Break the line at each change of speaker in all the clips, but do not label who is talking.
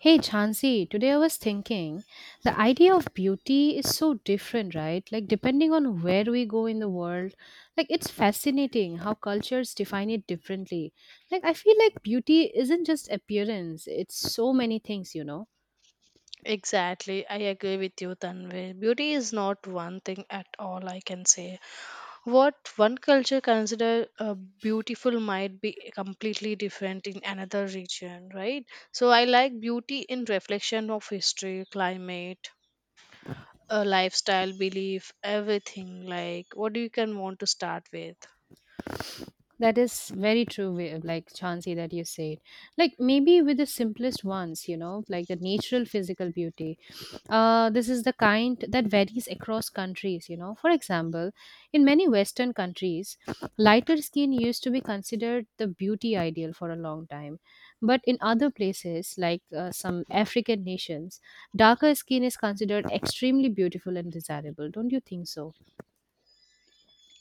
Hey Chansey, today I was thinking the idea of beauty is so different, right? Like, depending on where we go in the world, like, it's fascinating how cultures define it differently. Like, I feel like beauty isn't just appearance, it's so many things, you know?
Exactly, I agree with you, Tanvi. Beauty is not one thing at all, I can say. What one culture consider beautiful might be completely different in another region, right? So I like beauty in reflection of history, climate, lifestyle, belief, everything. Like, what do you can want to start with?
That is very true, way like Chansey, that you said. Like maybe with the simplest ones, you know, like the natural physical beauty. This is the kind that varies across countries, you know. For example, in many Western countries, lighter skin used to be considered the beauty ideal for a long time. But in other places, like some African nations, darker skin is considered extremely beautiful and desirable. Don't you think so?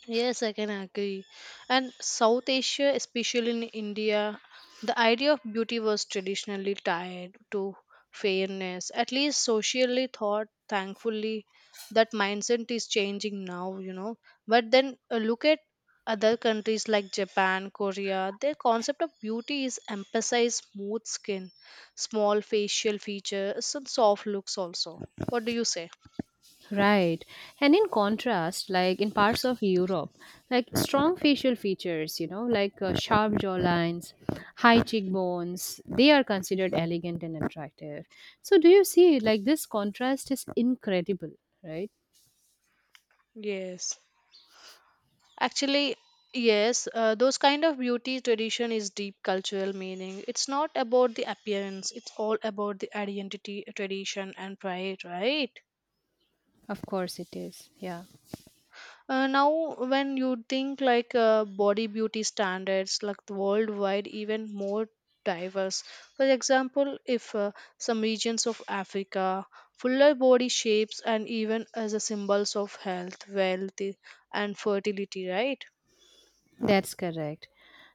Yes, I can agree. And South Asia, especially in India, the idea of beauty was traditionally tied to fairness, at least socially thought. Thankfully, that mindset is changing now, you know. But then look at other countries like Japan, Korea, their concept of beauty is emphasize smooth skin, small facial features, and soft looks also. What do you say?
Right. And in contrast, like in parts of Europe, like strong facial features, you know, like sharp jawlines, high cheekbones, they are considered elegant and attractive. So, do you see, like, this contrast is incredible, right?
Yes. Actually, yes, those kind of beauty tradition is deep cultural meaning. It's not about the appearance, it's all about the identity, tradition, and pride, right?
Of course, it is. Yeah,
Now, when you think like body beauty standards, like the worldwide, even more diverse. For example, if some regions of Africa, fuller body shapes, and even as a symbols of health, wealth, and fertility, right?
that's correct.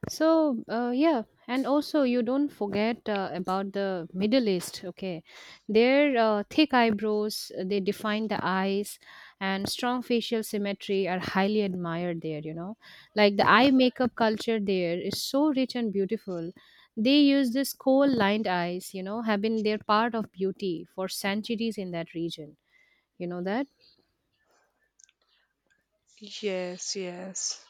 So, yeah, and also you don't forget about the Middle East, okay? Their thick eyebrows, they define the eyes, and strong facial symmetry are highly admired there, you know? Like the eye makeup culture there is so rich and beautiful. They use this coal lined eyes, you know, have been their part of beauty for centuries in that region. You know that?
Yes, yes.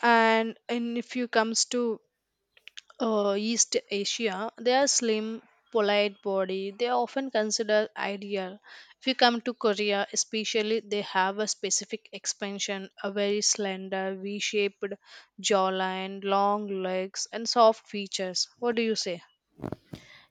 And if you comes to east asia, they are slim polite body, they are often considered ideal. If you come to Korea especially, they have a specific expansion, a very slender V-shaped jawline, long legs, and soft features. What do you say?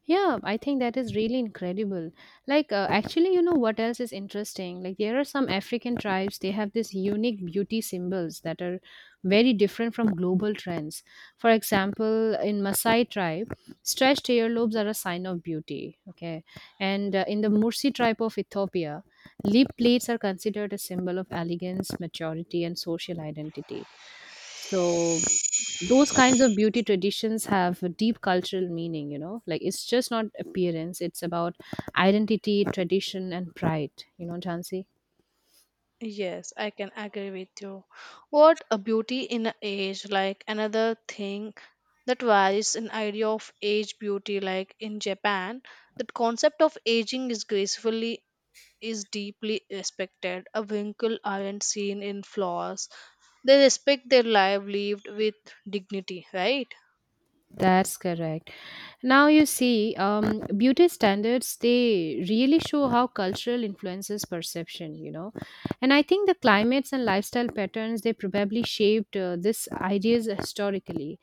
Yeah, I think that is really incredible. Like, actually, you know what else is interesting? Like, there are some African tribes, they have this unique beauty symbols that are very different from global trends. For example, in Maasai tribe, stretched earlobes are a sign of beauty. Okay. And in the Mursi tribe of Ethiopia, lip plates are considered a symbol of elegance, maturity, and social identity. So those kinds of beauty traditions have a deep cultural meaning, you know. Like it's just not appearance, it's about identity, tradition and pride, you know, Jansi.
Yes, I can agree with you. What a beauty in a age, like another thing that varies in idea of age beauty, like in Japan the concept of aging is gracefully is deeply respected, a wrinkle aren't seen in flaws. They respect their life lived with dignity, right?
That's correct. Now you see, beauty standards they really show how cultural influences perception, you know, and I think the climates and lifestyle patterns they probably shaped this ideas historically.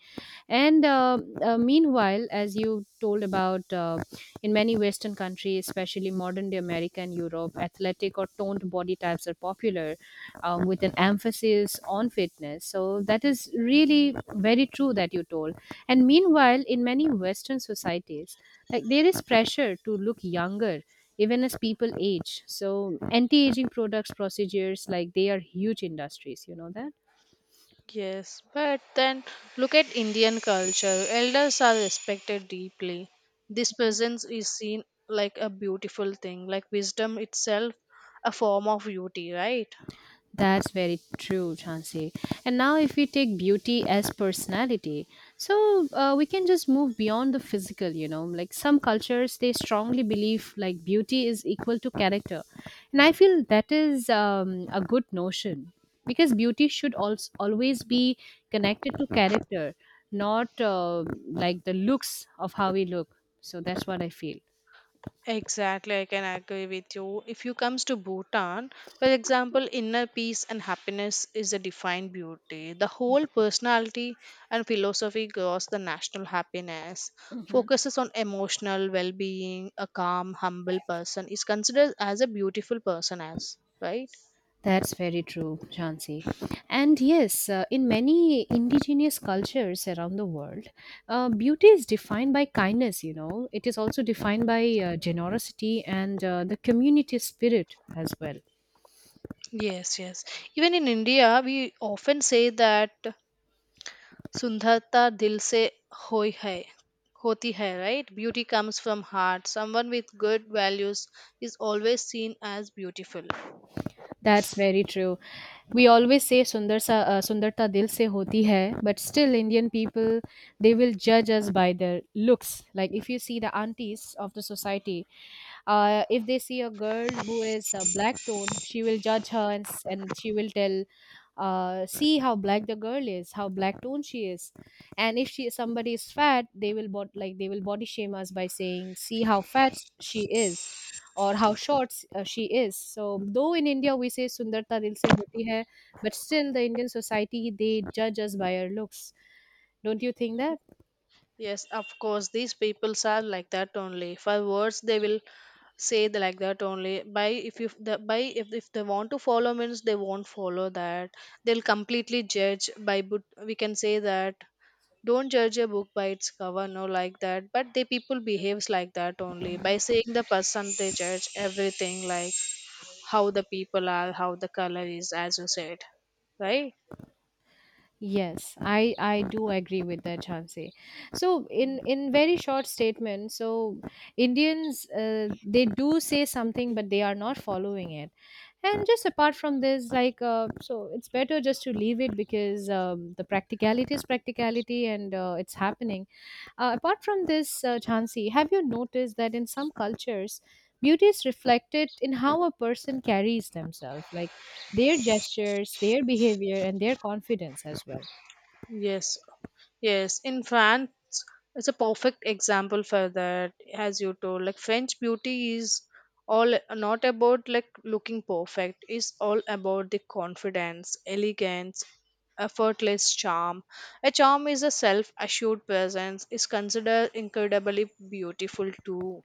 And meanwhile, as you told about in many Western countries, especially modern day America and Europe, athletic or toned body types are popular with an emphasis on fitness. So that is really very true that you told. And meanwhile, in many Western societies, like there is pressure to look younger even as people age, so anti-aging products procedures like they are huge industries, you know that.
Yes, but then look at Indian culture. Elders are respected deeply. This presence is seen like a beautiful thing, like wisdom itself, a form of beauty, right?
That's very true, Chansey. And now, if we take beauty as personality, so we can just move beyond the physical, you know. Like some cultures, they strongly believe like beauty is equal to character. And I feel that is a good notion because beauty should also always be connected to character, not like the looks of how we look. So that's what I feel.
Exactly, I can agree with you. If you comes to Bhutan, for example, inner peace and happiness is a defined beauty. The whole personality and philosophy grows the national happiness,
Mhm.
focuses on emotional well-being. A calm, humble person is considered as a beautiful person as right.
That's very true, Jhansi. And yes, in many indigenous cultures around the world, beauty is defined by kindness, you know. It is also defined by generosity and the community spirit as well.
Yes, yes. Even in India, we often say that Sundharta dil se hoti hai, right? Beauty comes from heart. Someone with good values is always seen as beautiful.
That's very true. We always say Sundar sa, Sundarta dil se hoti hai, but still Indian people, they will judge us by their looks. Like if you see the aunties of the society, if they see a girl who is black toned, she will judge her and, and she will tell, see how black the girl is, how black toned she is. And if she somebody is fat, they will bot like they will body shame us by saying see how fat she is or how short she is. So though in India we say Sundarta dil se hoti hai, but still the Indian society they judge us by our looks. Don't you think that?
Yes, of course, these peoples are like that only. For words, they will say the, like that only. By if you the by if they want to follow means they won't follow that. They'll completely judge by, but we can say that don't judge a book by its cover, no, like that, but the people behaves like that only, by saying the person they judge everything, like how the people are, how the color is, as you said, right?
Yes, I do agree with that, Chansey. So in very short statement, so Indians they do say something, but they are not following it. And just apart from this, like so, it's better just to leave it because the practicality is practicality, and it's happening. Apart from this, Chansey, have you noticed that in some cultures, beauty is reflected in how a person carries themselves, like their gestures, their behavior, and their confidence as well?
Yes, yes. In France, it's a perfect example for that, as you told. Like French beauty is all not about like looking perfect. It's all about the confidence, elegance, effortless charm. A charm is a self-assured presence. Is considered incredibly beautiful too.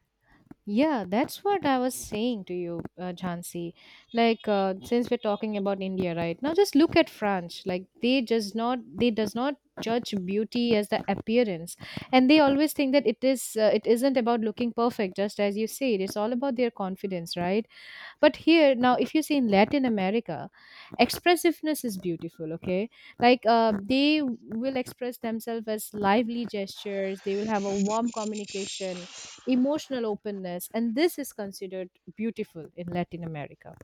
Yeah, that's what I was saying to you, Jhansi. Like, since we're talking about India right now, just look at France. Like, they just not they does not judge beauty as the appearance, and they always think that it is it isn't about looking perfect. Just as you say, it's all about their confidence, right? But here now, if you see in Latin America, expressiveness is beautiful. Okay, like they will express themselves as lively gestures. They will have a warm communication, emotional openness, and this is considered beautiful in Latin America.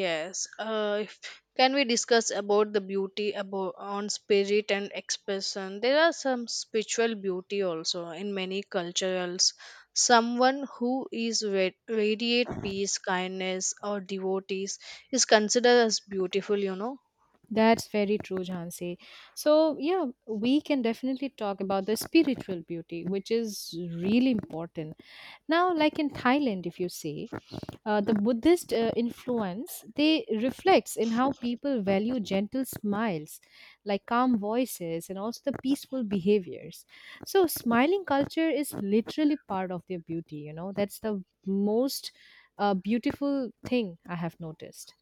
Yes. If, can we discuss about the beauty about on spirit and expression? There are some spiritual beauty also in many cultures. Someone who is radiate peace, kindness, or devotees is considered as beautiful. You know
That's very true, Jhansi. So yeah, we can definitely talk about the spiritual beauty which is really important now. Like in Thailand, if you see, the Buddhist influence they reflects in how people value gentle smiles, like calm voices and also the peaceful behaviors. So smiling culture is literally part of their beauty, you know. That's the most beautiful thing I have noticed.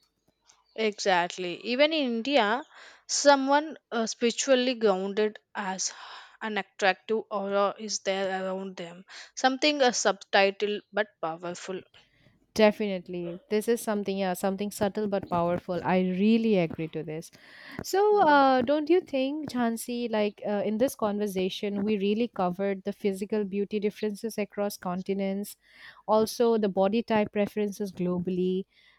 exactly. Even in India, someone spiritually grounded as an attractive aura is there around them. Something a subtitle but powerful.
Definitely this is something, yeah, something subtle but powerful. I really agree to this. So,
Hmm.
don't you think, Jhansi, like in this conversation, we really covered the physical beauty differences across continents, also the body type preferences globally,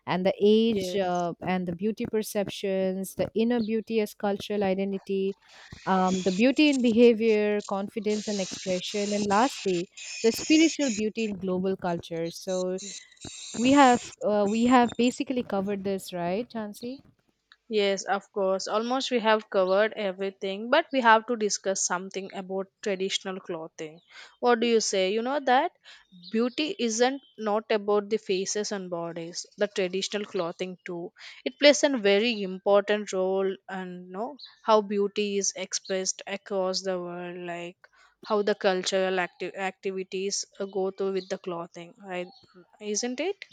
and the age
Yes,
and the beauty perceptions, the inner beauty as cultural identity, the beauty in behavior, confidence, and expression, and lastly, the spiritual beauty in global culture. So we have basically covered this, right, Jhansi?
yes, of course. Almost we have covered everything, but we have to discuss something about traditional clothing. What do you say? You know that beauty isn't not about the faces and bodies, the traditional clothing too. It plays a very important role and know how beauty is expressed across the world, like how the cultural activities go through with the clothing, right? Isn't it?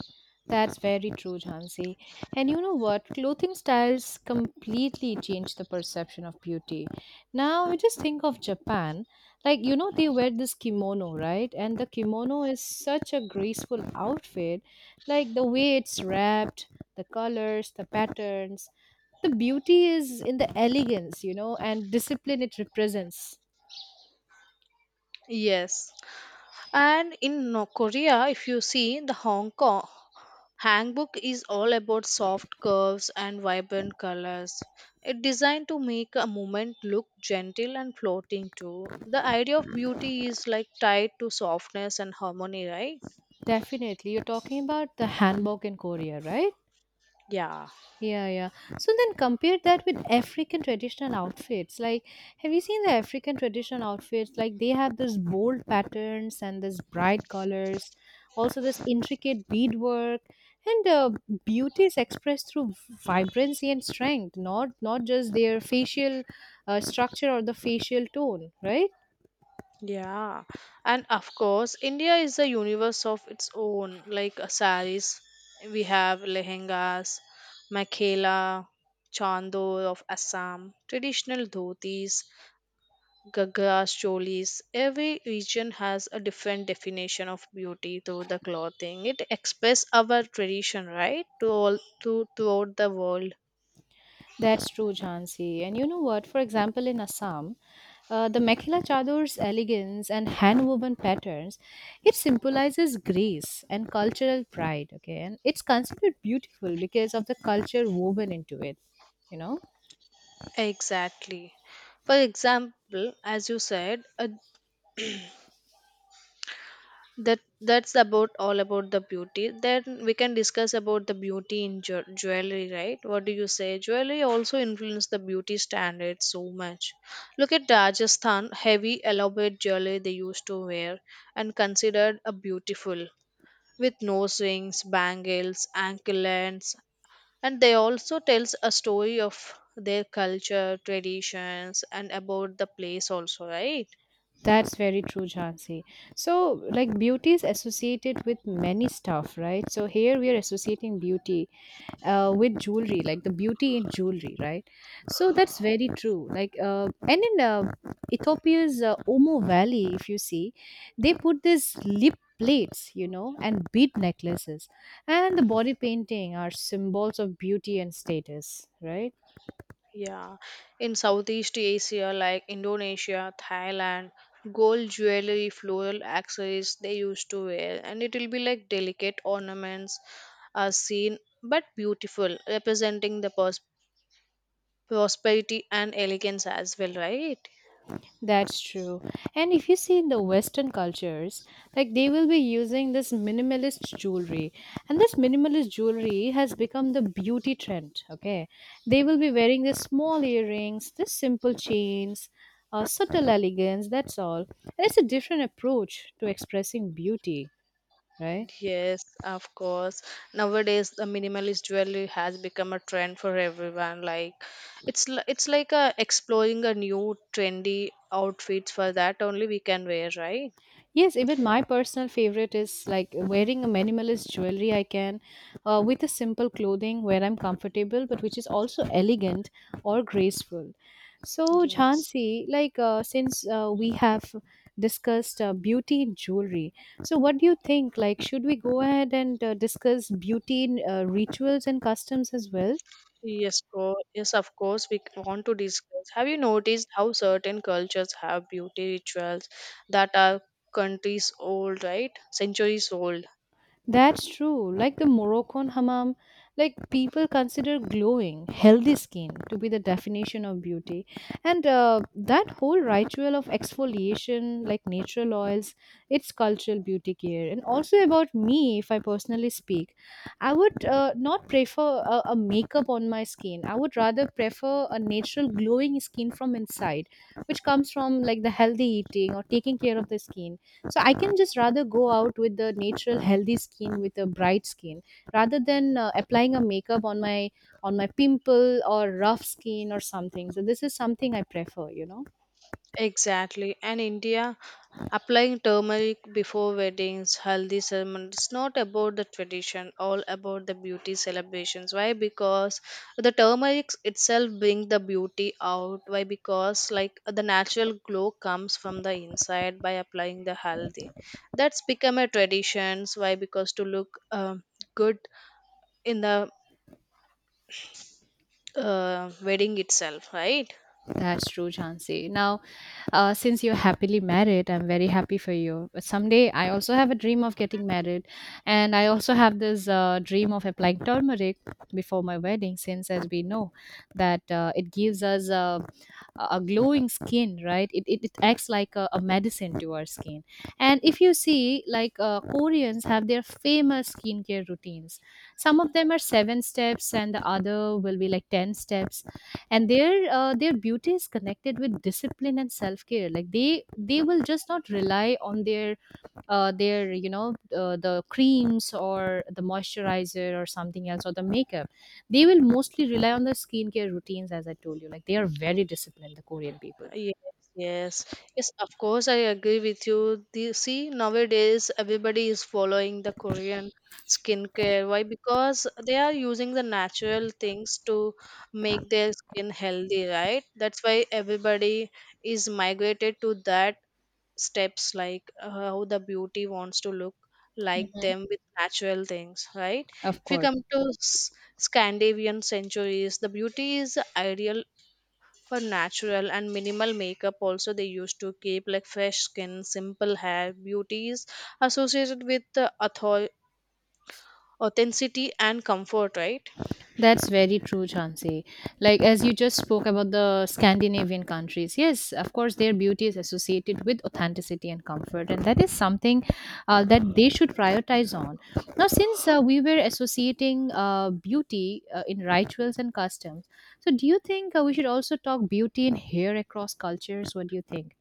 That's very true, Jhansi. And you know what? Clothing styles completely change the perception of beauty. Now, we just think of Japan. Like, you know, they wear this kimono, right? And the kimono is such a graceful outfit. Like, the way it's wrapped, the colors, the patterns, the beauty is in the elegance, you know, and discipline it represents.
Yes. And in Korea, if you see, the Hong Kong Hangbook is all about soft curves and vibrant colors. It's designed to make a moment look gentle and floating too. The idea of beauty is like tied to softness and harmony, right?
Definitely. You're talking about the hanbok in Korea, right?
Yeah,
Yeah, yeah. So then compare that with African traditional outfits. Like, have you seen the African traditional outfits? Like, they have this bold patterns and this bright colors, also this intricate beadwork, and beauty is expressed through vibrancy and strength, not just their facial structure or the facial tone, right?
yeah. And of course, India is a universe of its own, like saris. We have lehengas, makhela, chandur of Assam, traditional dhotis, Gaga cholis. Every region has a different definition of beauty through the clothing. It expresses our tradition, right, to all to throughout the world.
That's true, Jhansi. And you know what? For example, in Assam, the mekhela Chador's elegance and hand-woven patterns, it symbolizes grace and cultural pride. Okay, and it's considered beautiful because of the culture woven into it. You know,
Exactly. For example, as you said, a that's about all about the beauty, then we can discuss about the beauty in jewelry, right? What do you say? Jewelry also influence the beauty standards so much. Look at Rajasthan, heavy elaborate jewelry they used to wear and considered a beautiful, with nose rings, bangles, anklets, and they also tells a story of their culture, traditions, and about the place also, right?
that's very true, Jhansi. So, like beauty is associated with many stuff, right? So here we are associating beauty with jewelry, like the beauty in jewelry, right? So that's very true, like and in Ethiopia's Omo Valley, if you see, they put this lip plates, you know, and bead necklaces, and the body painting are symbols of beauty and status, right?
Yeah, in Southeast Asia, like Indonesia, Thailand, gold jewelry, floral accessories they used to wear, and it will be like delicate ornaments are seen, but beautiful, representing the prosperity and elegance as well, right?
That's true. And if you see in the Western cultures, like they will be using this minimalist jewelry. And this minimalist jewelry has become the beauty trend. Okay. They will be wearing the small earrings, the simple chains, subtle elegance, that's all. And it's a different approach to expressing beauty, right?
Yes, of course. Nowadays, the minimalist jewelry has become a trend for everyone. Like, it's it's like exploring a new trendy outfits for that only we can wear, right?
Yes, even my personal favorite is like wearing a minimalist jewelry I can with a simple clothing where I'm comfortable but which is also elegant or graceful. So,
Yes.
Jhansi, like since we have discussed beauty in jewelry, so what do you think? Like, should we go ahead and discuss beauty in rituals and customs as well?
Yes, yes, of course, we want to discuss. Have you noticed how certain cultures have beauty rituals that are countries old, right? Centuries old.
That's true. Like the Moroccan hammam, like people consider glowing, healthy skin to be the definition of beauty. And that whole ritual of exfoliation, like natural oils, it's cultural beauty care. And also about me, if I personally speak, I would not prefer a makeup on my skin. I would rather prefer a natural glowing skin from inside, which comes from like the healthy eating or taking care of the skin. So I can just rather go out with the natural healthy skin with a bright skin, rather than applying a makeup on my pimple or rough skin or something. So this is something I prefer, you know.
Exactly. And India, applying turmeric before weddings, haldi ceremony, it's not about the tradition, all about the beauty celebrations. Why? Because the turmeric itself bring the beauty out. Why? Because like the natural glow comes from the inside by applying the haldi. That's become a tradition. Why? Because to look good in the wedding itself, right?
That's true, Chansey. Now, since you're happily married, I'm very happy for you. But someday, I also have a dream of getting married, and I also have this dream of applying turmeric before my wedding. Since, as we know, that it gives us a glowing skin, right? It acts like a medicine to our skin. And if you see, like Koreans have their famous skincare routines. Some of them are seven steps, and the other will be like 10 steps, and their beauty is connected with discipline and self care. Like they will just not rely on their you know the creams or the moisturizer or something else or the makeup. They will mostly rely on the skincare routines, as I told you. Like they are very disciplined, the Korean people.
Yes, yes, yes. Of course, I agree with you. The, see, nowadays everybody is following the Korean skincare. Why? Because they are using the natural things to make their skin healthy, right? That's why everybody is migrated to that steps, like how the beauty wants to look like
Hmm.
them with natural things, right?
Of
If you
course.
come to Scandinavian centuries, the beauty is the ideal for natural and minimal makeup, also they used to keep like fresh skin, simple hair. Beauties associated with the authenticity and comfort, right?
That's very true, Chansey. Like, as you just spoke about the Scandinavian countries, yes, of course, their beauty is associated with authenticity and comfort, and that is something that they should prioritize on. Now, since we were associating beauty in rituals and customs, so do you think we should also talk beauty in hair across cultures? What do you think?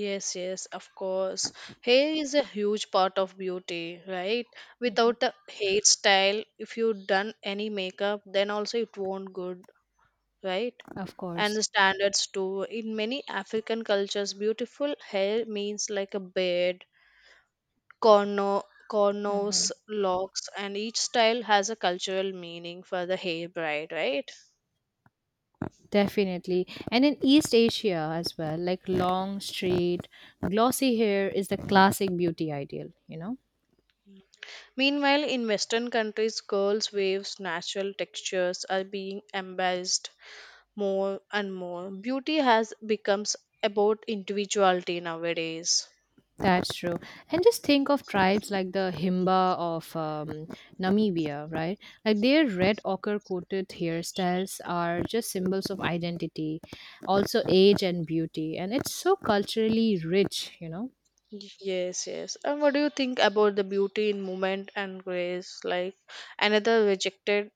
Yes, yes, of course. Hair is a huge part of beauty, right?
Mhm.
Without the hairstyle, if you done any makeup, then also it won't good, right?
Of
And
course.
the standards too. In many African cultures, beautiful hair means like a beard, corno,
Mhm.
cornos, locks, and each style has a cultural meaning for the hair bride, right?
Definitely. And in East Asia as well, like long, straight, glossy hair is the classic beauty ideal, you know?
Meanwhile, in Western countries, girls' waves, natural textures are being embraced more and more. Beauty has becomes about individuality nowadays.
That's true. And just think of tribes like the Himba of Namibia, right? Like their red ochre coated hairstyles are just symbols of identity, also age and beauty. And it's so culturally rich, you know?
Yes, yes. And what do you think about the beauty in movement and grace? Like another rejected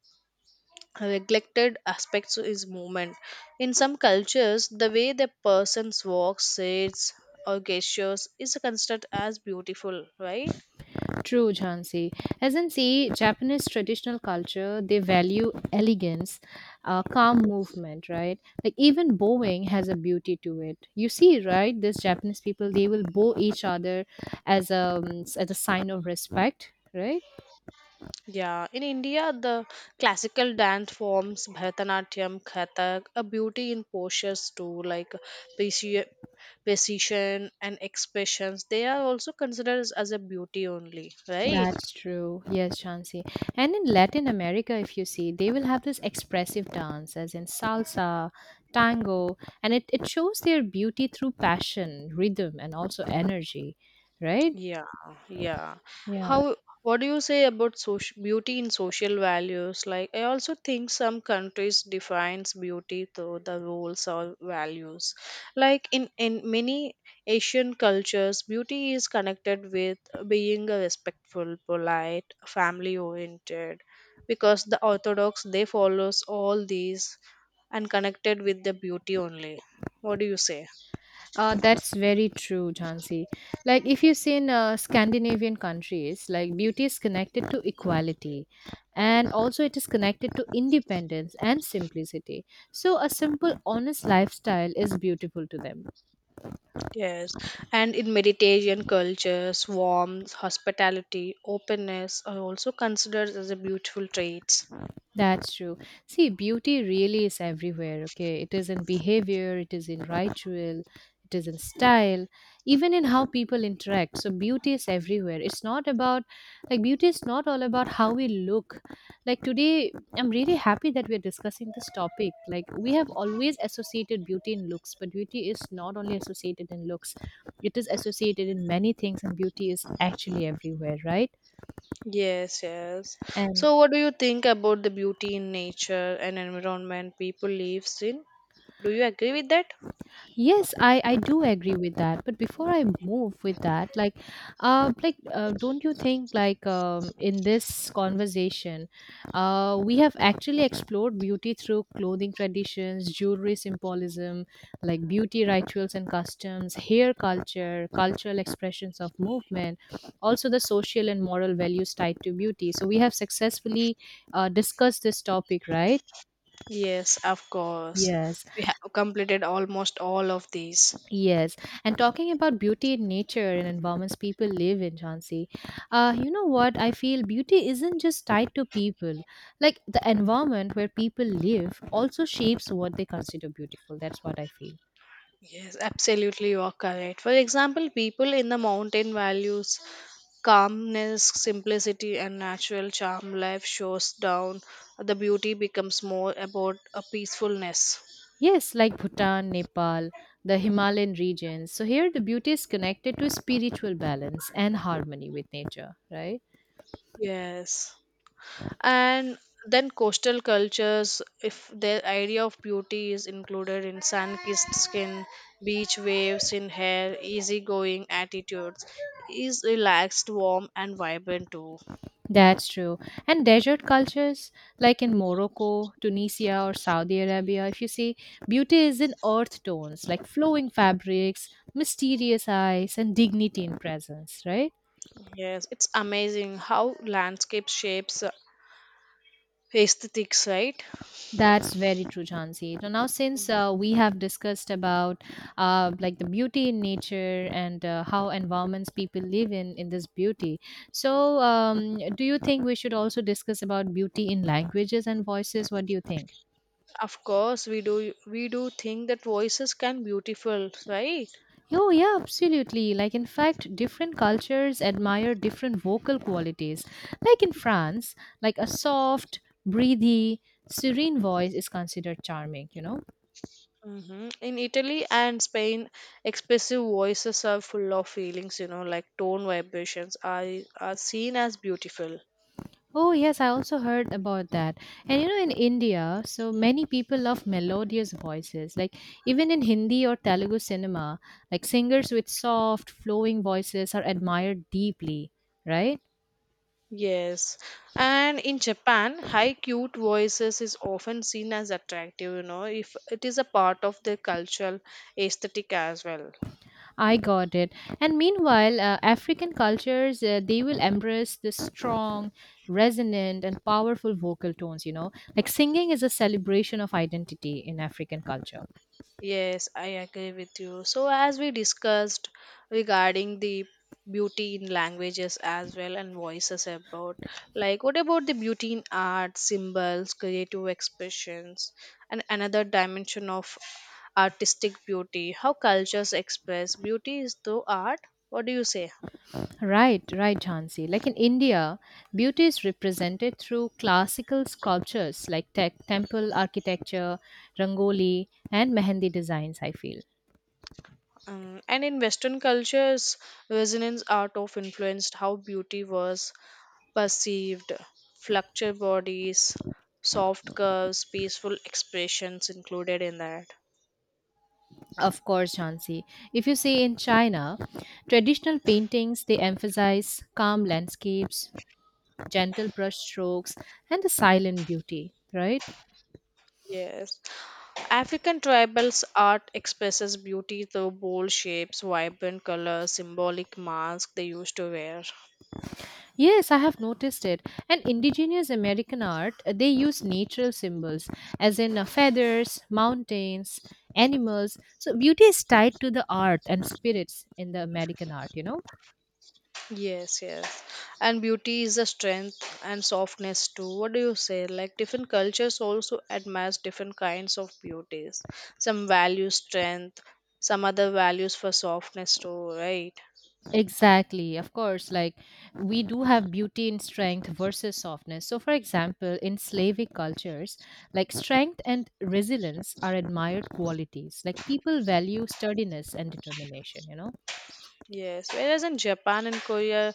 neglected aspects is movement. In some cultures, the way the person walks, sits, or gestures is considered as beautiful, right?
True, Jhansi. As in, see, Japanese traditional culture, they value elegance, calm movement, right? Like even bowing has a beauty to it. You see, right? This Japanese people, they will bow each other as a as a sign of respect, right?
Yeah, in India, the classical dance forms Bharatanatyam, Kathak, a beauty in postures too, like preci- precision and expressions. They are also considered as a beauty only, right?
That's true. Yes, Jhansi. And in Latin America, if you see, they will have this expressive dance, as in salsa, tango, and it shows their beauty through passion, rhythm, and also energy, right?
Yeah, yeah.
Yeah,
How, what do you say about social beauty and social values? Like, I also think some countries defines beauty through the rules or values. Like in many Asian cultures, beauty is connected with being a respectful, polite, family oriented, because the Orthodox they follows all these and connected with the beauty only. What do you say?
that's very true, Jhansi. Like, if you see in Scandinavian countries, like, beauty is connected to equality and also it is connected to independence and simplicity. So, a simple, honest lifestyle is beautiful to them.
Yes, and in Mediterranean cultures, warmth, hospitality, openness are also considered as a beautiful traits.
That's true. See, beauty really is everywhere, okay? It is in behavior, it is in ritual, it is in style, even in how people interact. So, beauty is everywhere. It's not about, like, beauty is not all about how we look. Like, today, I'm really happy that we're discussing this topic. Like, we have always associated beauty in looks, but beauty is not only associated in looks, it is associated in many things, and beauty is actually everywhere, right?
Yes, yes.
And
So, what do you think about the beauty in nature and environment people lives in? Do you agree with that?
yes, I do agree with that. But before I move with that, like, don't you think like in this conversation, we have actually explored beauty through clothing traditions, jewelry symbolism, like beauty rituals and customs, hair culture, cultural expressions of movement, also the social and moral values tied to beauty. So we have successfully discussed this topic, right?
Yes, of course.
Yes.
We have completed almost all of these.
Yes, and talking about beauty in nature and environments people live in, Jansi, you know what? I feel beauty isn't just tied to people. Like the environment where people live also shapes what they consider beautiful. That's what I feel.
Yes, absolutely, you are correct. For example, people in the mountain values calmness, simplicity, and natural charm. Life shows down, the beauty becomes more about a peacefulness.
Yes, like Bhutan, Nepal, the Himalayan regions. So here the beauty is connected to spiritual balance and harmony with nature, right?
Yes. And then coastal cultures, if their idea of beauty is included in sun kissed skin, beach waves in hair, easygoing attitudes, is relaxed, warm, and vibrant too.
That's true. And desert cultures, like in Morocco, Tunisia, or Saudi Arabia, if you see, beauty is in earth tones, like flowing fabrics, mysterious eyes, and dignity in presence, right?
Yes, it's amazing how landscape shapes aesthetics, right?
That's very true, Jhansi. So now, since we have discussed about like the beauty in nature and how environments people live in this beauty, so do you think we should also discuss about beauty in languages and voices? What do you think?
Of course, we do think that voices can beautiful, right?
Oh, yeah, absolutely. Like, in fact, different cultures admire different vocal qualities. Like in France, like a soft, breathy, serene voice is considered charming, you know?
Hmm. In Italy and Spain, expressive voices are full of feelings. You know, like tone vibrations are seen as beautiful.
Oh, yes, I also heard about that. And you know, in India, so many people love melodious voices. Like, even in Hindi or Telugu cinema, like singers with soft, flowing voices are admired deeply, right?
Yes, and in Japan, high cute voices is often seen as attractive. You know, if it is a part of their cultural aesthetic as well.
I got it. And meanwhile, African cultures they will embrace the strong, resonant, and powerful vocal tones. You know, like singing is a celebration of identity in African culture.
Yes, I agree with you. So, as we discussed regarding the beauty in languages as well and voices, about like what about the beauty in art symbols, creative expressions, and another dimension of artistic beauty, how cultures express beauty is through art. What do you say?
Right, right, Jansi. Like in India, beauty is represented through classical sculptures like temple architecture, rangoli, and mehendi designs. I feel.
And in Western cultures, resonance art of influenced how beauty was perceived, fluctuate bodies, soft curves, peaceful expressions included in that.
Of course, Jansi. If you see in China, traditional paintings they emphasize calm landscapes, gentle brush strokes, and the silent beauty, right?
Yes. African tribals art expresses beauty through bold shapes, vibrant colors, symbolic masks they used to wear.
Yes, I have noticed it. And indigenous American art, they use natural symbols, as in feathers, mountains, animals. So beauty is tied to the art and spirits in the American art, you know?
Yes, yes. And beauty is a strength and softness too. What do you say? Like different cultures also admire different kinds of beauties. Some value strength, some other values for softness too, right?
Exactly, of course. Like, we do have beauty in strength versus softness. So, for example, in Slavic cultures, like strength and resilience are admired qualities. Like, people value sturdiness and determination, you know?
Yes, whereas in Japan and Korea,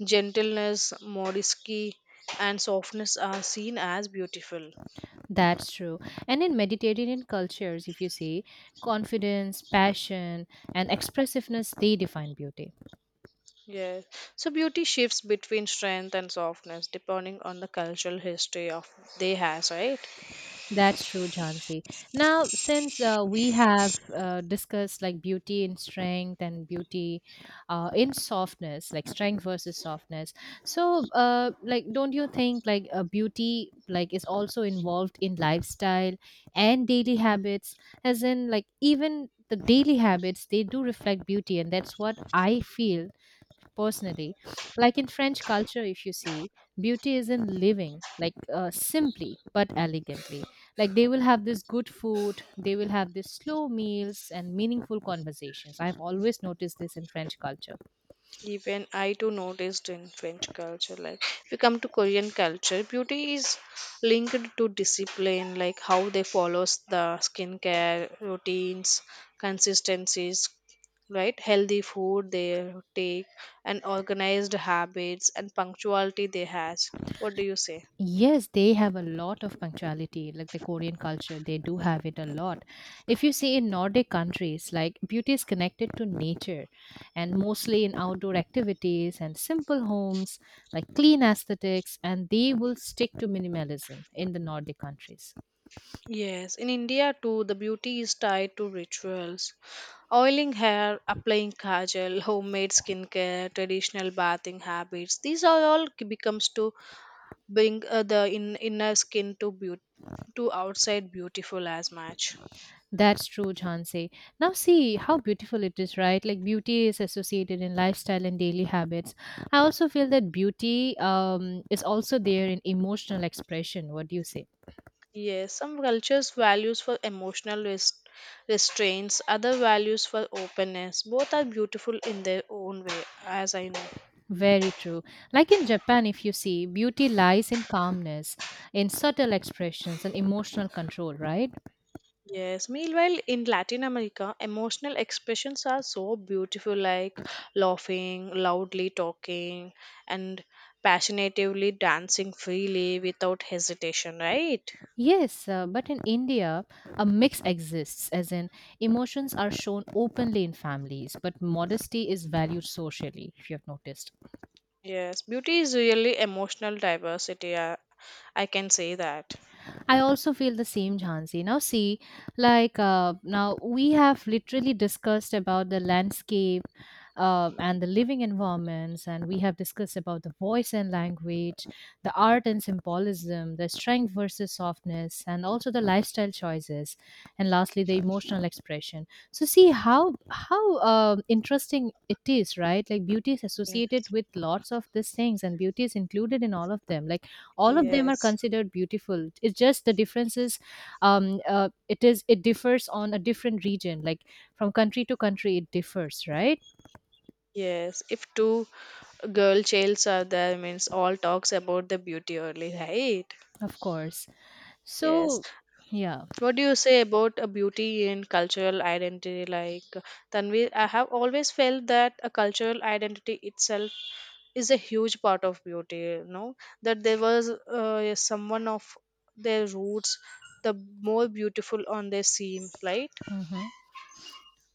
gentleness, modesty, and softness are seen as beautiful.
That's true. And in Mediterranean cultures, if you see, confidence, passion, and expressiveness, they define beauty.
Yes, so beauty shifts between strength and softness depending on the cultural history of they has, right?
That's true, Jhansi. Now, since we have discussed like beauty in strength and beauty in softness, like strength versus softness. So like, don't you think like beauty like is also involved in lifestyle and daily habits, as in like even the daily habits they do reflect beauty, and that's what I feel personally. Like in French culture, if you see, beauty is in living, like simply but elegantly. Like they will have this good food. They will have this slow meals and meaningful conversations. I've always noticed this in French culture.
Even I too noticed in French culture, like if you come to Korean culture, beauty is linked to discipline, like how they follows the skincare routines, consistencies, right? Healthy food they take, and organized habits and punctuality they has. What do you say?
Yes, they have a lot of punctuality, like the Korean culture, they do have it a lot. If you see in Nordic countries, like beauty is connected to nature and mostly in outdoor activities and simple homes, like clean aesthetics, and they will stick to minimalism in the Nordic countries.
Yes, in India too, the beauty is tied to rituals. Oiling hair, applying kajal, homemade skincare, traditional bathing habits. These are all becomes to bring the inner skin to beauty to outside beautiful as much.
That's true, Jhansi. Now, see how beautiful it is, right? Like beauty is associated in lifestyle and daily habits. I also feel that beauty is also there in emotional expression. What do you say?
Yes, some cultures values for restraints, other values for openness. Both are beautiful in their own way, as I know.
Very true. Like in Japan, if you see, beauty lies in calmness, in subtle expressions, and emotional control, right?
Yes, meanwhile in Latin America, emotional expressions are so beautiful like laughing, loudly talking, and passionately dancing freely without hesitation, right?
Yes, but in India, a mix exists, as in emotions are shown openly in families, but modesty is valued socially, if you have noticed.
Yes, beauty is really emotional diversity. I can say that.
I also feel the same, Jhansi. Now, see, like now we have literally discussed about the landscape and the living environments, and we have discussed about the voice and language, the art and symbolism, the strength versus softness, and also the lifestyle choices, and lastly, the emotional expression. So, see how interesting it is, right? Like beauty is associated
Yes,
with lots of these things, and beauty is included in all of them. Like all of them are
yes,
considered beautiful, it's just the differences. It differs on a different region, like from country to country, it differs, right?
yes. If two girl childs are there, means all talks about the beauty only, right?
Of course.
Yes.
So, yeah.
What do you say about a beauty and cultural identity? Like Tanvi, I have always felt that a cultural identity itself is a huge part of beauty. You know that there was someone of their roots, the more beautiful on they seem, right?
Mhm.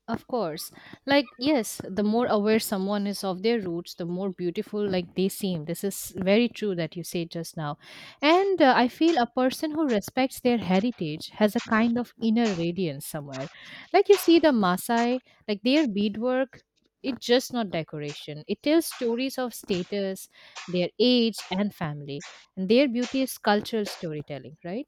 Of course. Like, yes, the more aware someone is of their roots, the more beautiful, like, they seem. This is very true that you said just now. And I feel a person who respects their heritage has a kind of inner radiance somewhere. Like, you see the Maasai, like, their beadwork, it's just not decoration. It tells stories of status, their age, and family. And their beauty is cultural storytelling, right?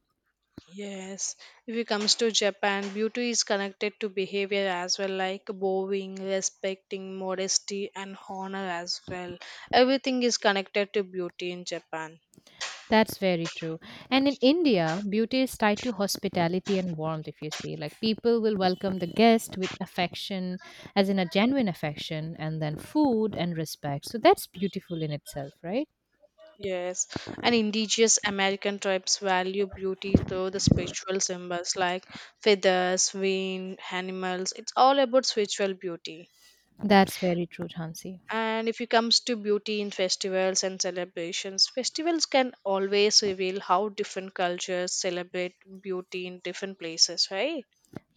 Yes, if it comes to Japan, beauty is connected to behavior as well, like bowing, respecting, modesty, and honor as well. Everything is connected to beauty in Japan.
That's very true. And in India, beauty is tied to hospitality and warmth, if you see. Like people will welcome the guest with affection, as in a genuine affection, and then food and respect. So that's beautiful in itself, right?
Yes, and indigenous American tribes value beauty through the spiritual symbols like feathers, wind, animals. It's all about spiritual beauty.
That's very true, Hansi.
And if it comes to beauty in festivals and celebrations, festivals can always reveal how different cultures celebrate beauty in different places, right?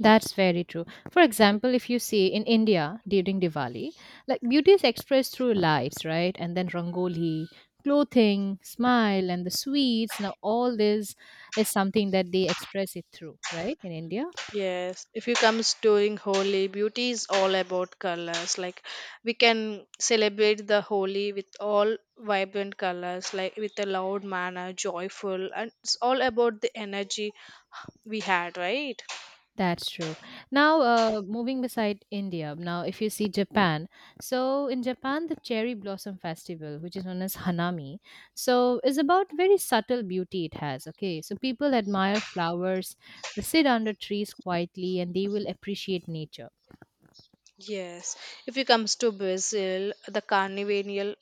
That's very true. For example, if you see in India during Diwali, like beauty is expressed through lights, right? And then rangoli, clothing, smile, and the sweets. Now, all this is something that they express it through, right? In India.
Yes, if you comes during Holi, beauty is all about colors. Like we can celebrate the Holi with all vibrant colors, like with a loud manner, joyful, and it's all about the energy we had, right?
That's true. Now, moving beside India, now if you see Japan, so in Japan, the cherry blossom festival, which is known as Hanami, so is about very subtle beauty it has. Okay, so people admire flowers, they sit under trees quietly, and they will appreciate nature.
Yes. If you comes to Brazil, the carnival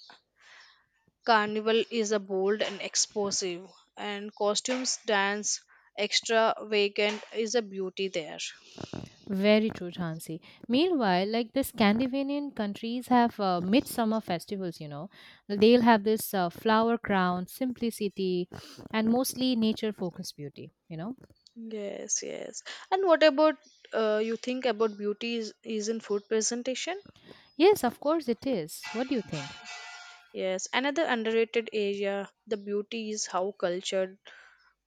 carnival is a bold and explosive, and costumes, dance, extravagant is a beauty there.
Very true, Chansi. Meanwhile, like the Scandinavian countries have midsummer festivals, you know, they'll have this flower crown, simplicity, and mostly nature focused beauty. You know.
Yes, yes. And what about you think about beauty is in food presentation?
Yes, of course it is. What do you think?
Yes, another underrated area, the beauty is how culture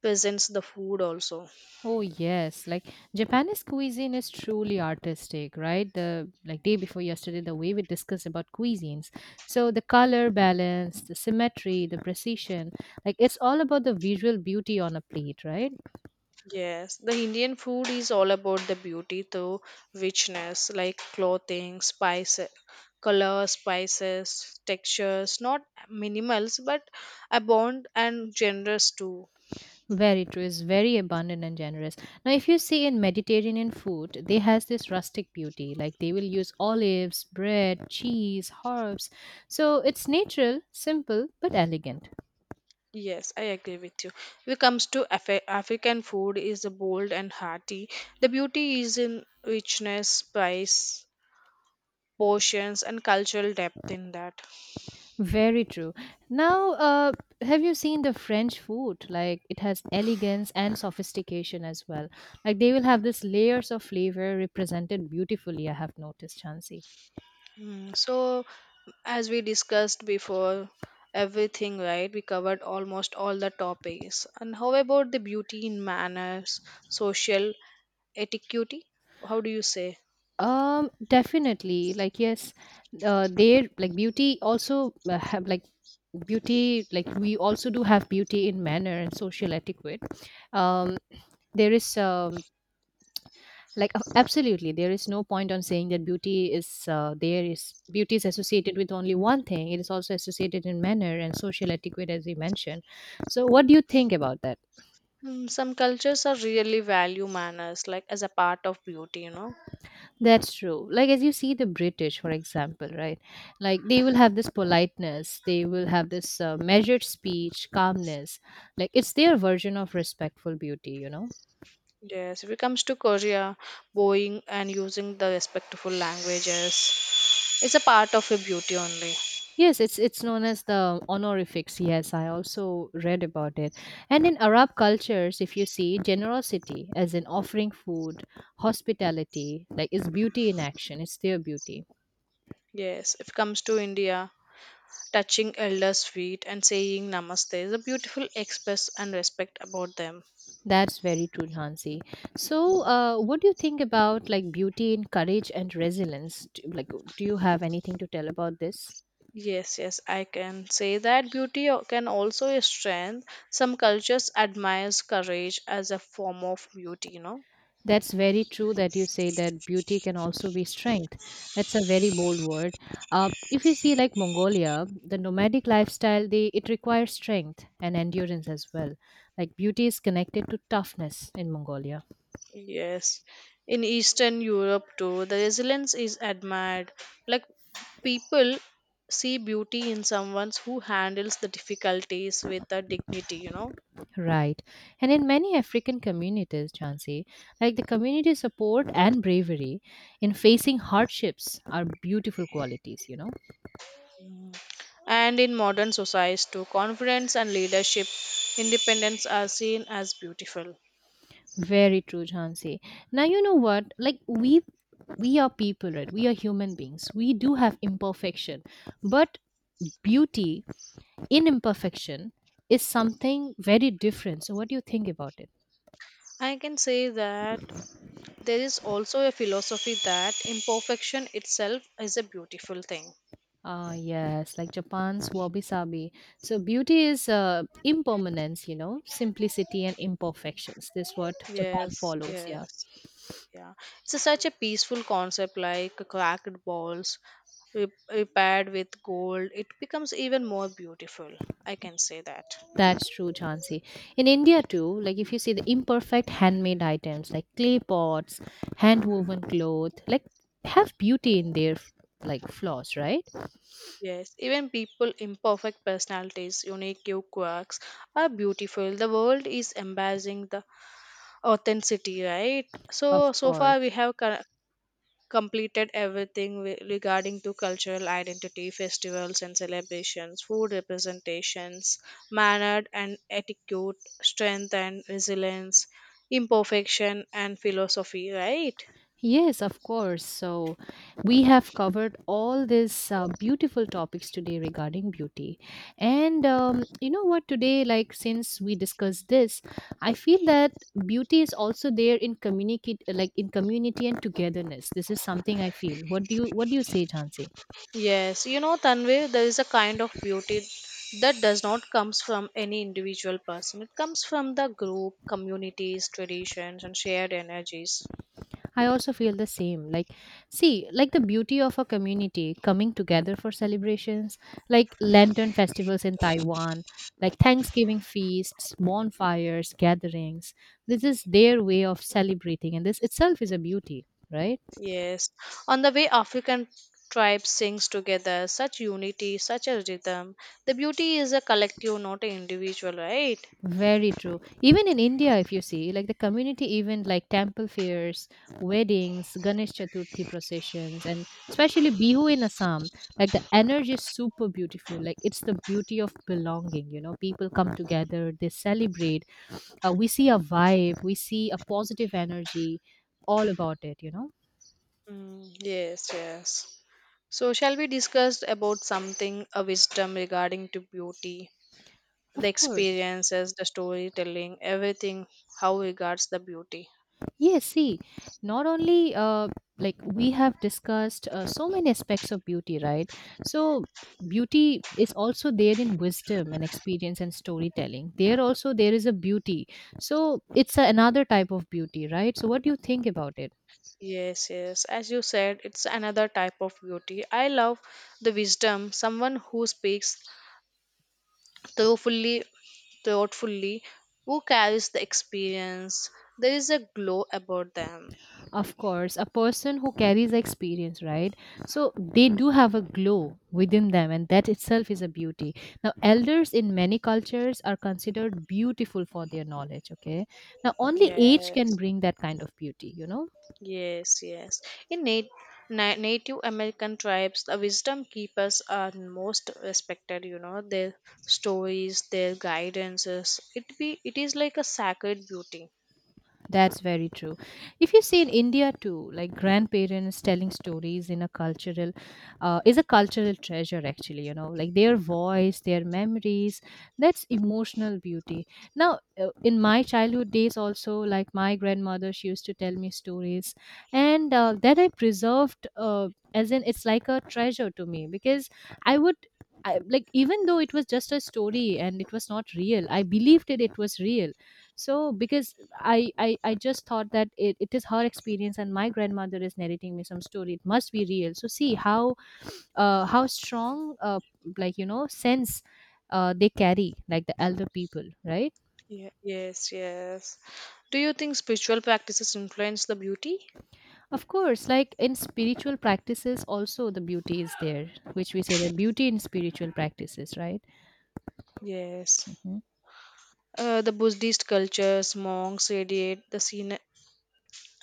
presents the food also.
Oh yes, like Japanese cuisine is truly artistic, right? The Like day before yesterday, the way we discussed about cuisines. So the color balance, the symmetry, the precision, like it's all about the visual beauty on a plate, right?
Yes, the Indian food is all about the beauty through richness, like clothing, spices, color, spices, textures, not minimals, but abound and generous too.
Very true. It's very abundant and generous. Now, if you see in Mediterranean food, they has this rustic beauty. Like they will use olives, bread, cheese, herbs. So it's natural, simple, but elegant.
Yes, I agree with you. When it comes to African food is bold and hearty. The beauty is in richness, spice, portions, and cultural depth in that.
Very true. Now, have you seen the French food? Like it has elegance and sophistication as well. Like they will have this layers of flavor represented beautifully. I have noticed, Chansey.
Mm, so, as we discussed before, everything right, we covered almost all the topics. And how about the beauty in manners, social etiquette? How do you say?
Definitely. Like yes, their like beauty also have like beauty. Like we also do have beauty in manner and social etiquette. Um, there is absolutely there is no point on saying that beauty is there is beauty is associated with only one thing, it is also associated in manner and social etiquette as we mentioned. So what do you think about that?
Mm, some cultures are really value manners, like as a part of beauty, you know.
That's true. Like as you see the British for example, right? Like they will have this politeness, they will have this measured speech, calmness. Like it's their version of respectful beauty, you know.
Yes, if it comes to Korea, bowing and using the respectful languages is a part of a beauty only.
Yes, it's known as the honorifics. Yes, I also read about it. And in Arab cultures, if you see generosity as in offering food, hospitality, like it's beauty in action, it's their beauty.
Yes, if it comes to India, touching elders' feet and saying namaste is a beautiful express and respect about them.
That's very true, Hansi. So, what do you think about like beauty in courage and resilience? Do, like, do you have anything to tell about this?
Yes, yes, I can say that can also a strength. Some cultures admires courage as a form of beauty, you know.
That's very true that you say that beauty can also be strength. That's a very bold word. If you see like Mongolia, the nomadic lifestyle, they it requires strength and endurance as well. Like beauty is connected to toughness in Mongolia,
Yes. In Eastern Europe too, the resilience is admired. Like people see beauty in someone who handles the difficulties with a dignity, you know.
right? And in many African communities, Chansi, like the community support and bravery in facing hardships are beautiful qualities, you know.
And in modern societies too, confidence and leadership, independence are seen as beautiful.
Very true, Jhansi. Now you know what? Like we are people, right? We are human beings. We do have imperfection. But beauty in imperfection is something very different. So what do you think about it?
I can say that there is also a philosophy that imperfection itself is a beautiful thing.
Ah, yes, like Japan's wabi sabi. So beauty is impermanence, you know, simplicity and imperfections. This is what Japan
Yes,
follows. Yeah.
yes. Yeah, such a peaceful concept like cracked balls repaired with gold. It becomes even more beautiful. I can say that.
That's true, Chansey. In India too, like if you see the imperfect handmade items like clay pots, hand woven cloth, like have beauty in their like flaws, right?
Yes, even people, imperfect personalities, unique you quirks are beautiful. The world is embracing the authenticity, right?
Of
So, so far we
course.
have completed everything regarding to cultural identity, festivals and celebrations, food representations, manner and etiquette, strength and resilience, imperfection and philosophy, right?
Yes, of course. So, we have covered all these beautiful topics today regarding beauty. And you know what, today, like since we discussed this, I feel that beauty is also there in communicate, like in community and togetherness. This is something I feel. What do you say, Jansi?
Yes, you know, Tanvir, there is a kind of beauty that does not comes from any individual person. It comes from the group, communities, traditions, and shared energies.
I also feel the same. Like, see, like the beauty of a community coming together for celebrations, like lantern festivals in Taiwan, like Thanksgiving feasts, bonfires, gatherings. This is their way of celebrating, and this itself is a beauty, right?
Yes, on the way African tribes sings together, such unity, such a rhythm. The beauty is a collective, not an individual, right?
Very true. Even in India, if you see, like the community event, like temple fairs, weddings, Ganesh Chaturthi processions, and especially Bihu in Assam, like the energy is super beautiful. Like it's the beauty of belonging, you know, people come together, they celebrate. We see a vibe, we see a positive energy all about it, you know.
Mm, yes, yes. So, shall we discuss about something, a wisdom regarding to beauty, the
Of course.
experiences, the storytelling, everything, how regards the beauty?
Yes, see, not only like we have discussed so many aspects of beauty, right? So, beauty is also there in wisdom and experience and storytelling. There also there is a beauty. So, it's another type of beauty, right? So, what do you think about it?
Yes, yes. As you said, it's another type of beauty. I love the wisdom, someone who speaks thoughtfully thoughtfully who carries the experience, there is a glow about them.
Of course, a person who carries experience, right? So they do have a glow within them and that itself is a beauty. Now elders in many cultures are considered beautiful for their knowledge, okay? Now only age can
Yes,
bring that kind of beauty, you know.
yes, yes, in native American tribes, the wisdom keepers are most respected, you know, their stories, their guidances, it is like a sacred beauty.
That's very true. If you see in India too, like grandparents telling stories in a cultural, is a cultural treasure actually. You know, like their voice, their memories, that's emotional beauty. Now, in my childhood days, also like my grandmother, she used to tell me stories, and that I preserved. As in, it's like a treasure to me because I would. I, like even though it was just a story and it was not real, I believed it, it was real. So because I just thought that it is her experience and my grandmother is narrating me some story, it must be real. So see how strong like you know sense they carry, like the elder people, right?
Yes, yes, do you think spiritual practices influence the beauty?
Of course, like in spiritual practices also the beauty is there, which we say the beauty in spiritual practices, right?
Yes,
Mhm.
the Buddhist cultures, monks radiate the scene,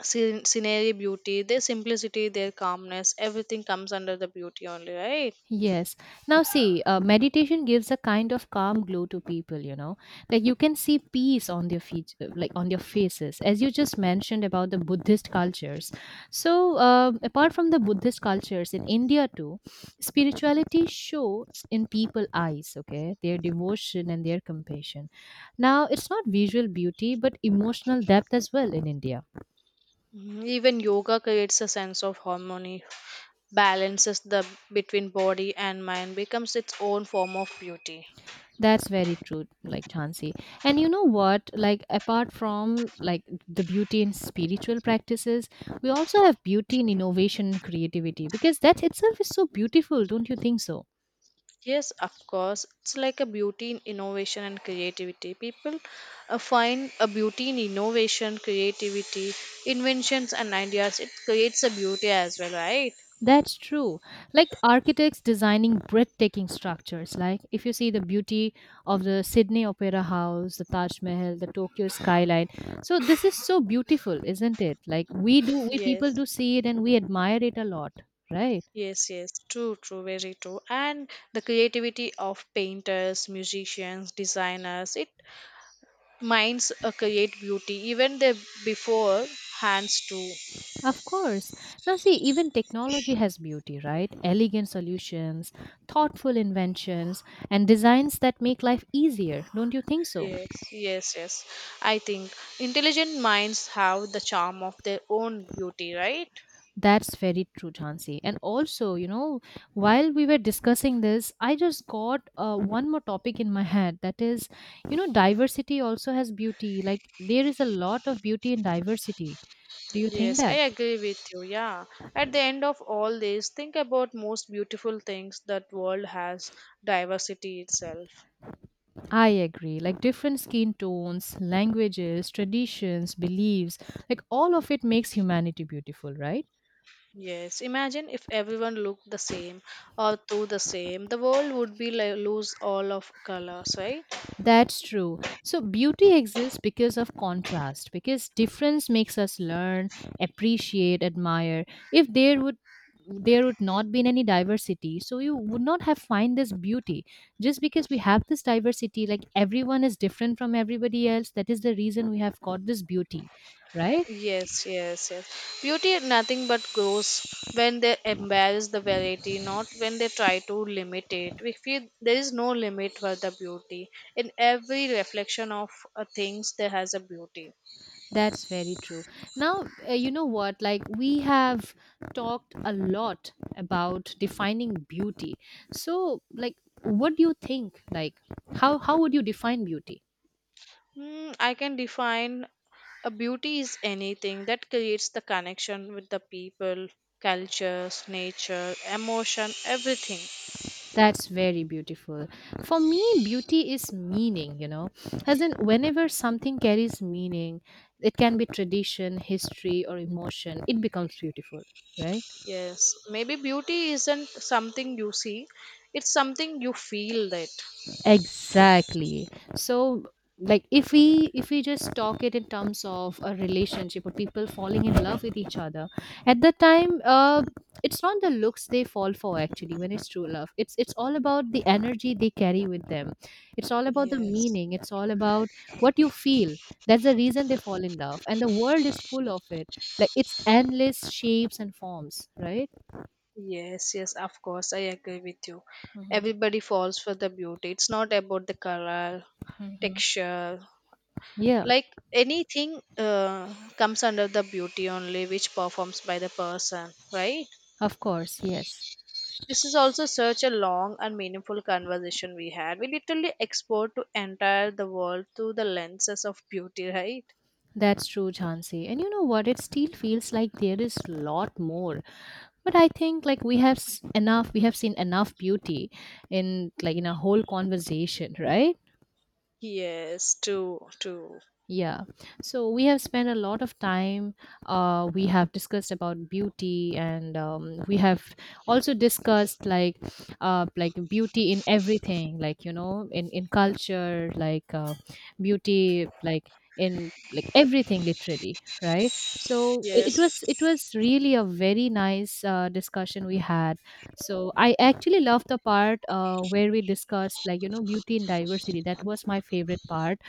scen- scenery beauty, their simplicity, their calmness, everything comes under the beauty only, right?
Yes. Now, see, meditation gives a kind of calm glow to people, you know, like you can see peace on their feet, like on their faces, as you just mentioned about the Buddhist cultures. So, apart from the Buddhist cultures in India too, spirituality shows in people eyes, okay, their devotion and their compassion. Now, it's not visual beauty, but emotional depth as well in India.
Mhm. Even yoga creates a sense of harmony, balances the between body and mind, becomes its own form of beauty.
That's very true, like Chansey. And you know what? Like, apart from like the beauty in spiritual practices, we also have beauty in innovation and creativity because that itself is so beautiful, don't you think so?
Yes, of course, it's like a beauty in innovation and creativity. People find a beauty in innovation, creativity, inventions, and ideas. It creates a beauty as well, right?
That's true. Like architects designing breathtaking structures. Like if you see the beauty of the Sydney Opera House, the Taj Mahal, the Tokyo skyline. So this is so beautiful, isn't it? Like we do, we people
Yes.
do see it and we admire it a lot, right?
Yes, yes, true, true, very true. And the creativity of painters, musicians, designers, it minds create beauty even they before hands too.
Of course. Now see, even technology has beauty, right? Elegant solutions, thoughtful inventions, and designs that make life easier. Don't you think so?
Yes, yes, yes. I think intelligent minds have the charm of their own beauty, right?
That's very true, Jhansi. And also, you know, while we were discussing this, I just got one more topic in my head. That is, you know, diversity also has beauty. Like, there is a lot of beauty in diversity. Do you think
Yes, I
that?
agree with you. Yeah. At the end of all this, think about most beautiful things that world has diversity itself.
I agree. Like, different skin tones, languages, traditions, beliefs, like, all of it makes humanity beautiful, right?
Yes, imagine if everyone looked the same or thought the same. The world would be like lose all of colors, right?
That's true. So, beauty exists because of contrast, because difference makes us learn, appreciate, admire. If there would not been any diversity, so you would not have find this beauty. Just because we have this diversity, like everyone is different from everybody else, that is the reason we have got this beauty, right?
Yes, yes, yes. Beauty is nothing but grows when they embrace the variety, not when they try to limit it. We feel there is no limit for the beauty. In every reflection of things, there has a beauty.
That's very true. Now, you know what? Like, we have talked a lot about defining beauty. So, like, what do you think? Like, how would you define beauty?
Hmm, I can define a beauty is anything that creates the connection with the people, cultures, nature, emotion, everything.
That's very beautiful. For me, beauty is meaning, you know, as in whenever something carries meaning, it can be tradition, history, or emotion, it becomes beautiful, right?
Yes, maybe beauty isn't something you see, it's something you feel that.
Exactly. So like if we just talk it in terms of a relationship or people falling in love with each other, at that time it's not the looks they fall for actually. When it's true love, it's all about the energy they carry with them, it's all about the
Yes.
meaning, it's all about what you feel. That's the reason they fall in love and the world is full of it, like it's endless shapes and forms, right?
Yes, yes, of course, I agree with you.
Hmm.
Everybody falls for the beauty. It's not about the color,
Hmm.
texture,
Yeah.
like anything comes under the beauty only, which performs by the person, right?
Of course. Yes.
This is also such a long and meaningful conversation we had. We literally export to entire the world through the lenses of beauty, right?
That's true, Jhansi. And you know what? It still feels like there is a lot more. But I think like enough, we have seen enough beauty in like in a whole conversation, right?
Yes, true, true.
Yeah. So we have spent a lot of time. We have discussed about beauty, and we have also discussed like beauty in everything, like you know, in culture, like beauty, like in like everything, literally, right? So it
Yes,
was it was really a very nice discussion we had. So I actually loved the part where we discussed like you know beauty in diversity. That was my favorite part.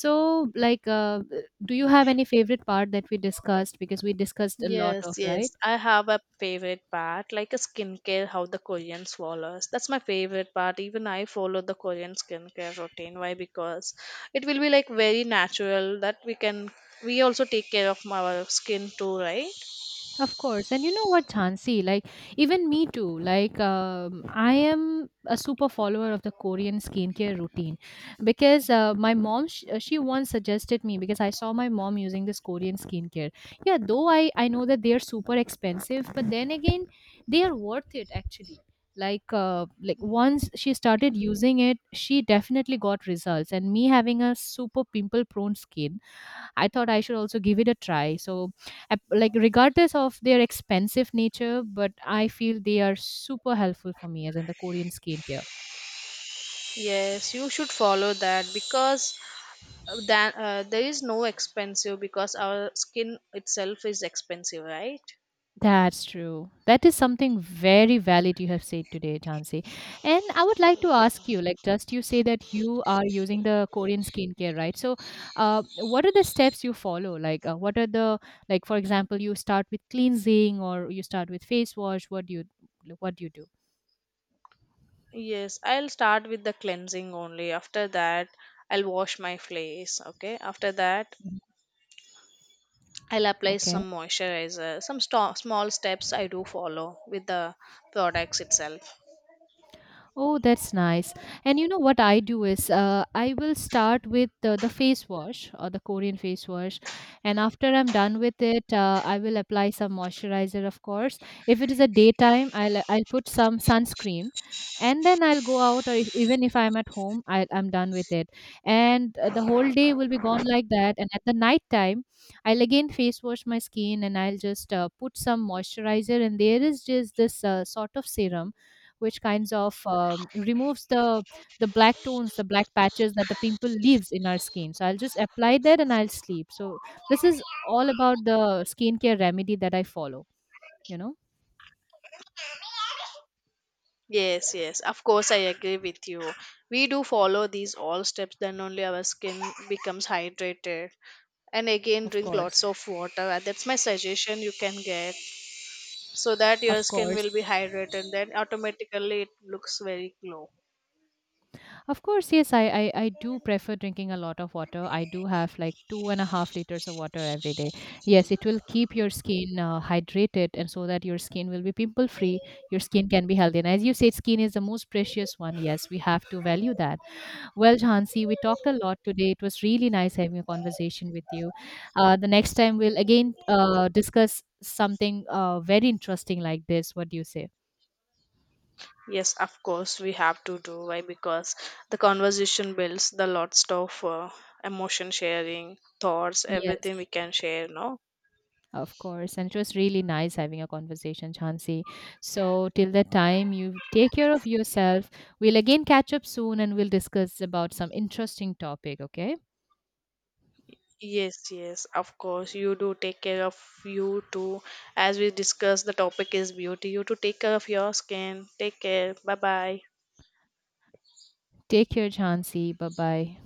So, like, do you have any favorite part that we discussed? Because we discussed a lot
yes,
of,
yes.
right?
I have a favorite part, like a skincare, how the Koreans follows. That's my favorite part. Even I follow the Korean skincare routine. Why? Because it will be like very natural that we also take care of our skin too, right?
Of course. And you know what, Chansi? Like, even me too. Like, I am a super follower of the Korean skincare routine because my mom, she once suggested me because I saw my mom using this Korean skincare. Yeah, though I know that they are super expensive, but then again, they are worth it actually. Like once she started using it, she definitely got results. And me having a super pimple prone skin, I thought I should also give it a try. So, like, regardless of their expensive nature, but I feel they are super helpful for me, as in the Korean skincare.
Yes, you should follow that because that there is no expensive because our skin itself is expensive, right?
That's true. That is something very valid you have said today, Jansi. And I would like to ask you, like, just you say that you are using the Korean skincare, right? So, what are the steps you follow? Like, what are the like, for example, you start with cleansing or you start with face wash. What do you do?
Yes, I'll start with the cleansing only. After that, I'll wash my face. Okay. After that,
Mhm.
I'll apply
Okay.
some moisturizer. Some small steps I do follow with the products itself.
Oh, that's nice. And you know what I do is I will start with the face wash or the Korean face wash. And after I'm done with it, I will apply some moisturizer, of course. If it is a daytime, I'll put some sunscreen. And then I'll go out, or if, even if I'm at home, I'm done with it. And the whole day will be gone like that. And at the night time, I'll again face wash my skin and I'll just put some moisturizer. And there is just this sort of serum which kinds of removes the black tones, the black patches that the pimple leaves in our skin. So I'll just apply that and I'll sleep. So this is all about the skincare remedy that I follow, you know.
Yes, yes. Of course, I agree with you. We do follow these all steps, then only our skin becomes hydrated. And again,
Of
drink
course.
lots of water. That's my suggestion you can get. So that your
Of
skin
course.
will be hydrated, then automatically it looks very glow.
Of course, yes. I do prefer drinking a lot of water. I do have like 2.5 liters of water every day. Yes, it will keep your skin hydrated, and so that your skin will be pimple free. Your skin can be healthy and as you said, skin is the most precious one. Yes, we have to value that. Well, Jhansi, we talked a lot today. It was really nice having a conversation with you. The next time we'll again discuss something very interesting like this. What do you say?
Yes, of course we have to do. Why? Because the conversation builds the lots of emotion, sharing thoughts, everything we
Yes,
can share, no?
of course. And it was really nice having a conversation, Jhansi. So, till that time, you take care of yourself. We'll again catch up soon and we'll discuss about some interesting topic, okay?
Yes, yes, of course. You do take care of you too. As we discussed, the topic is beauty. You to take care of your skin. Take care. Bye bye.
Take care, Jhansi. Bye bye.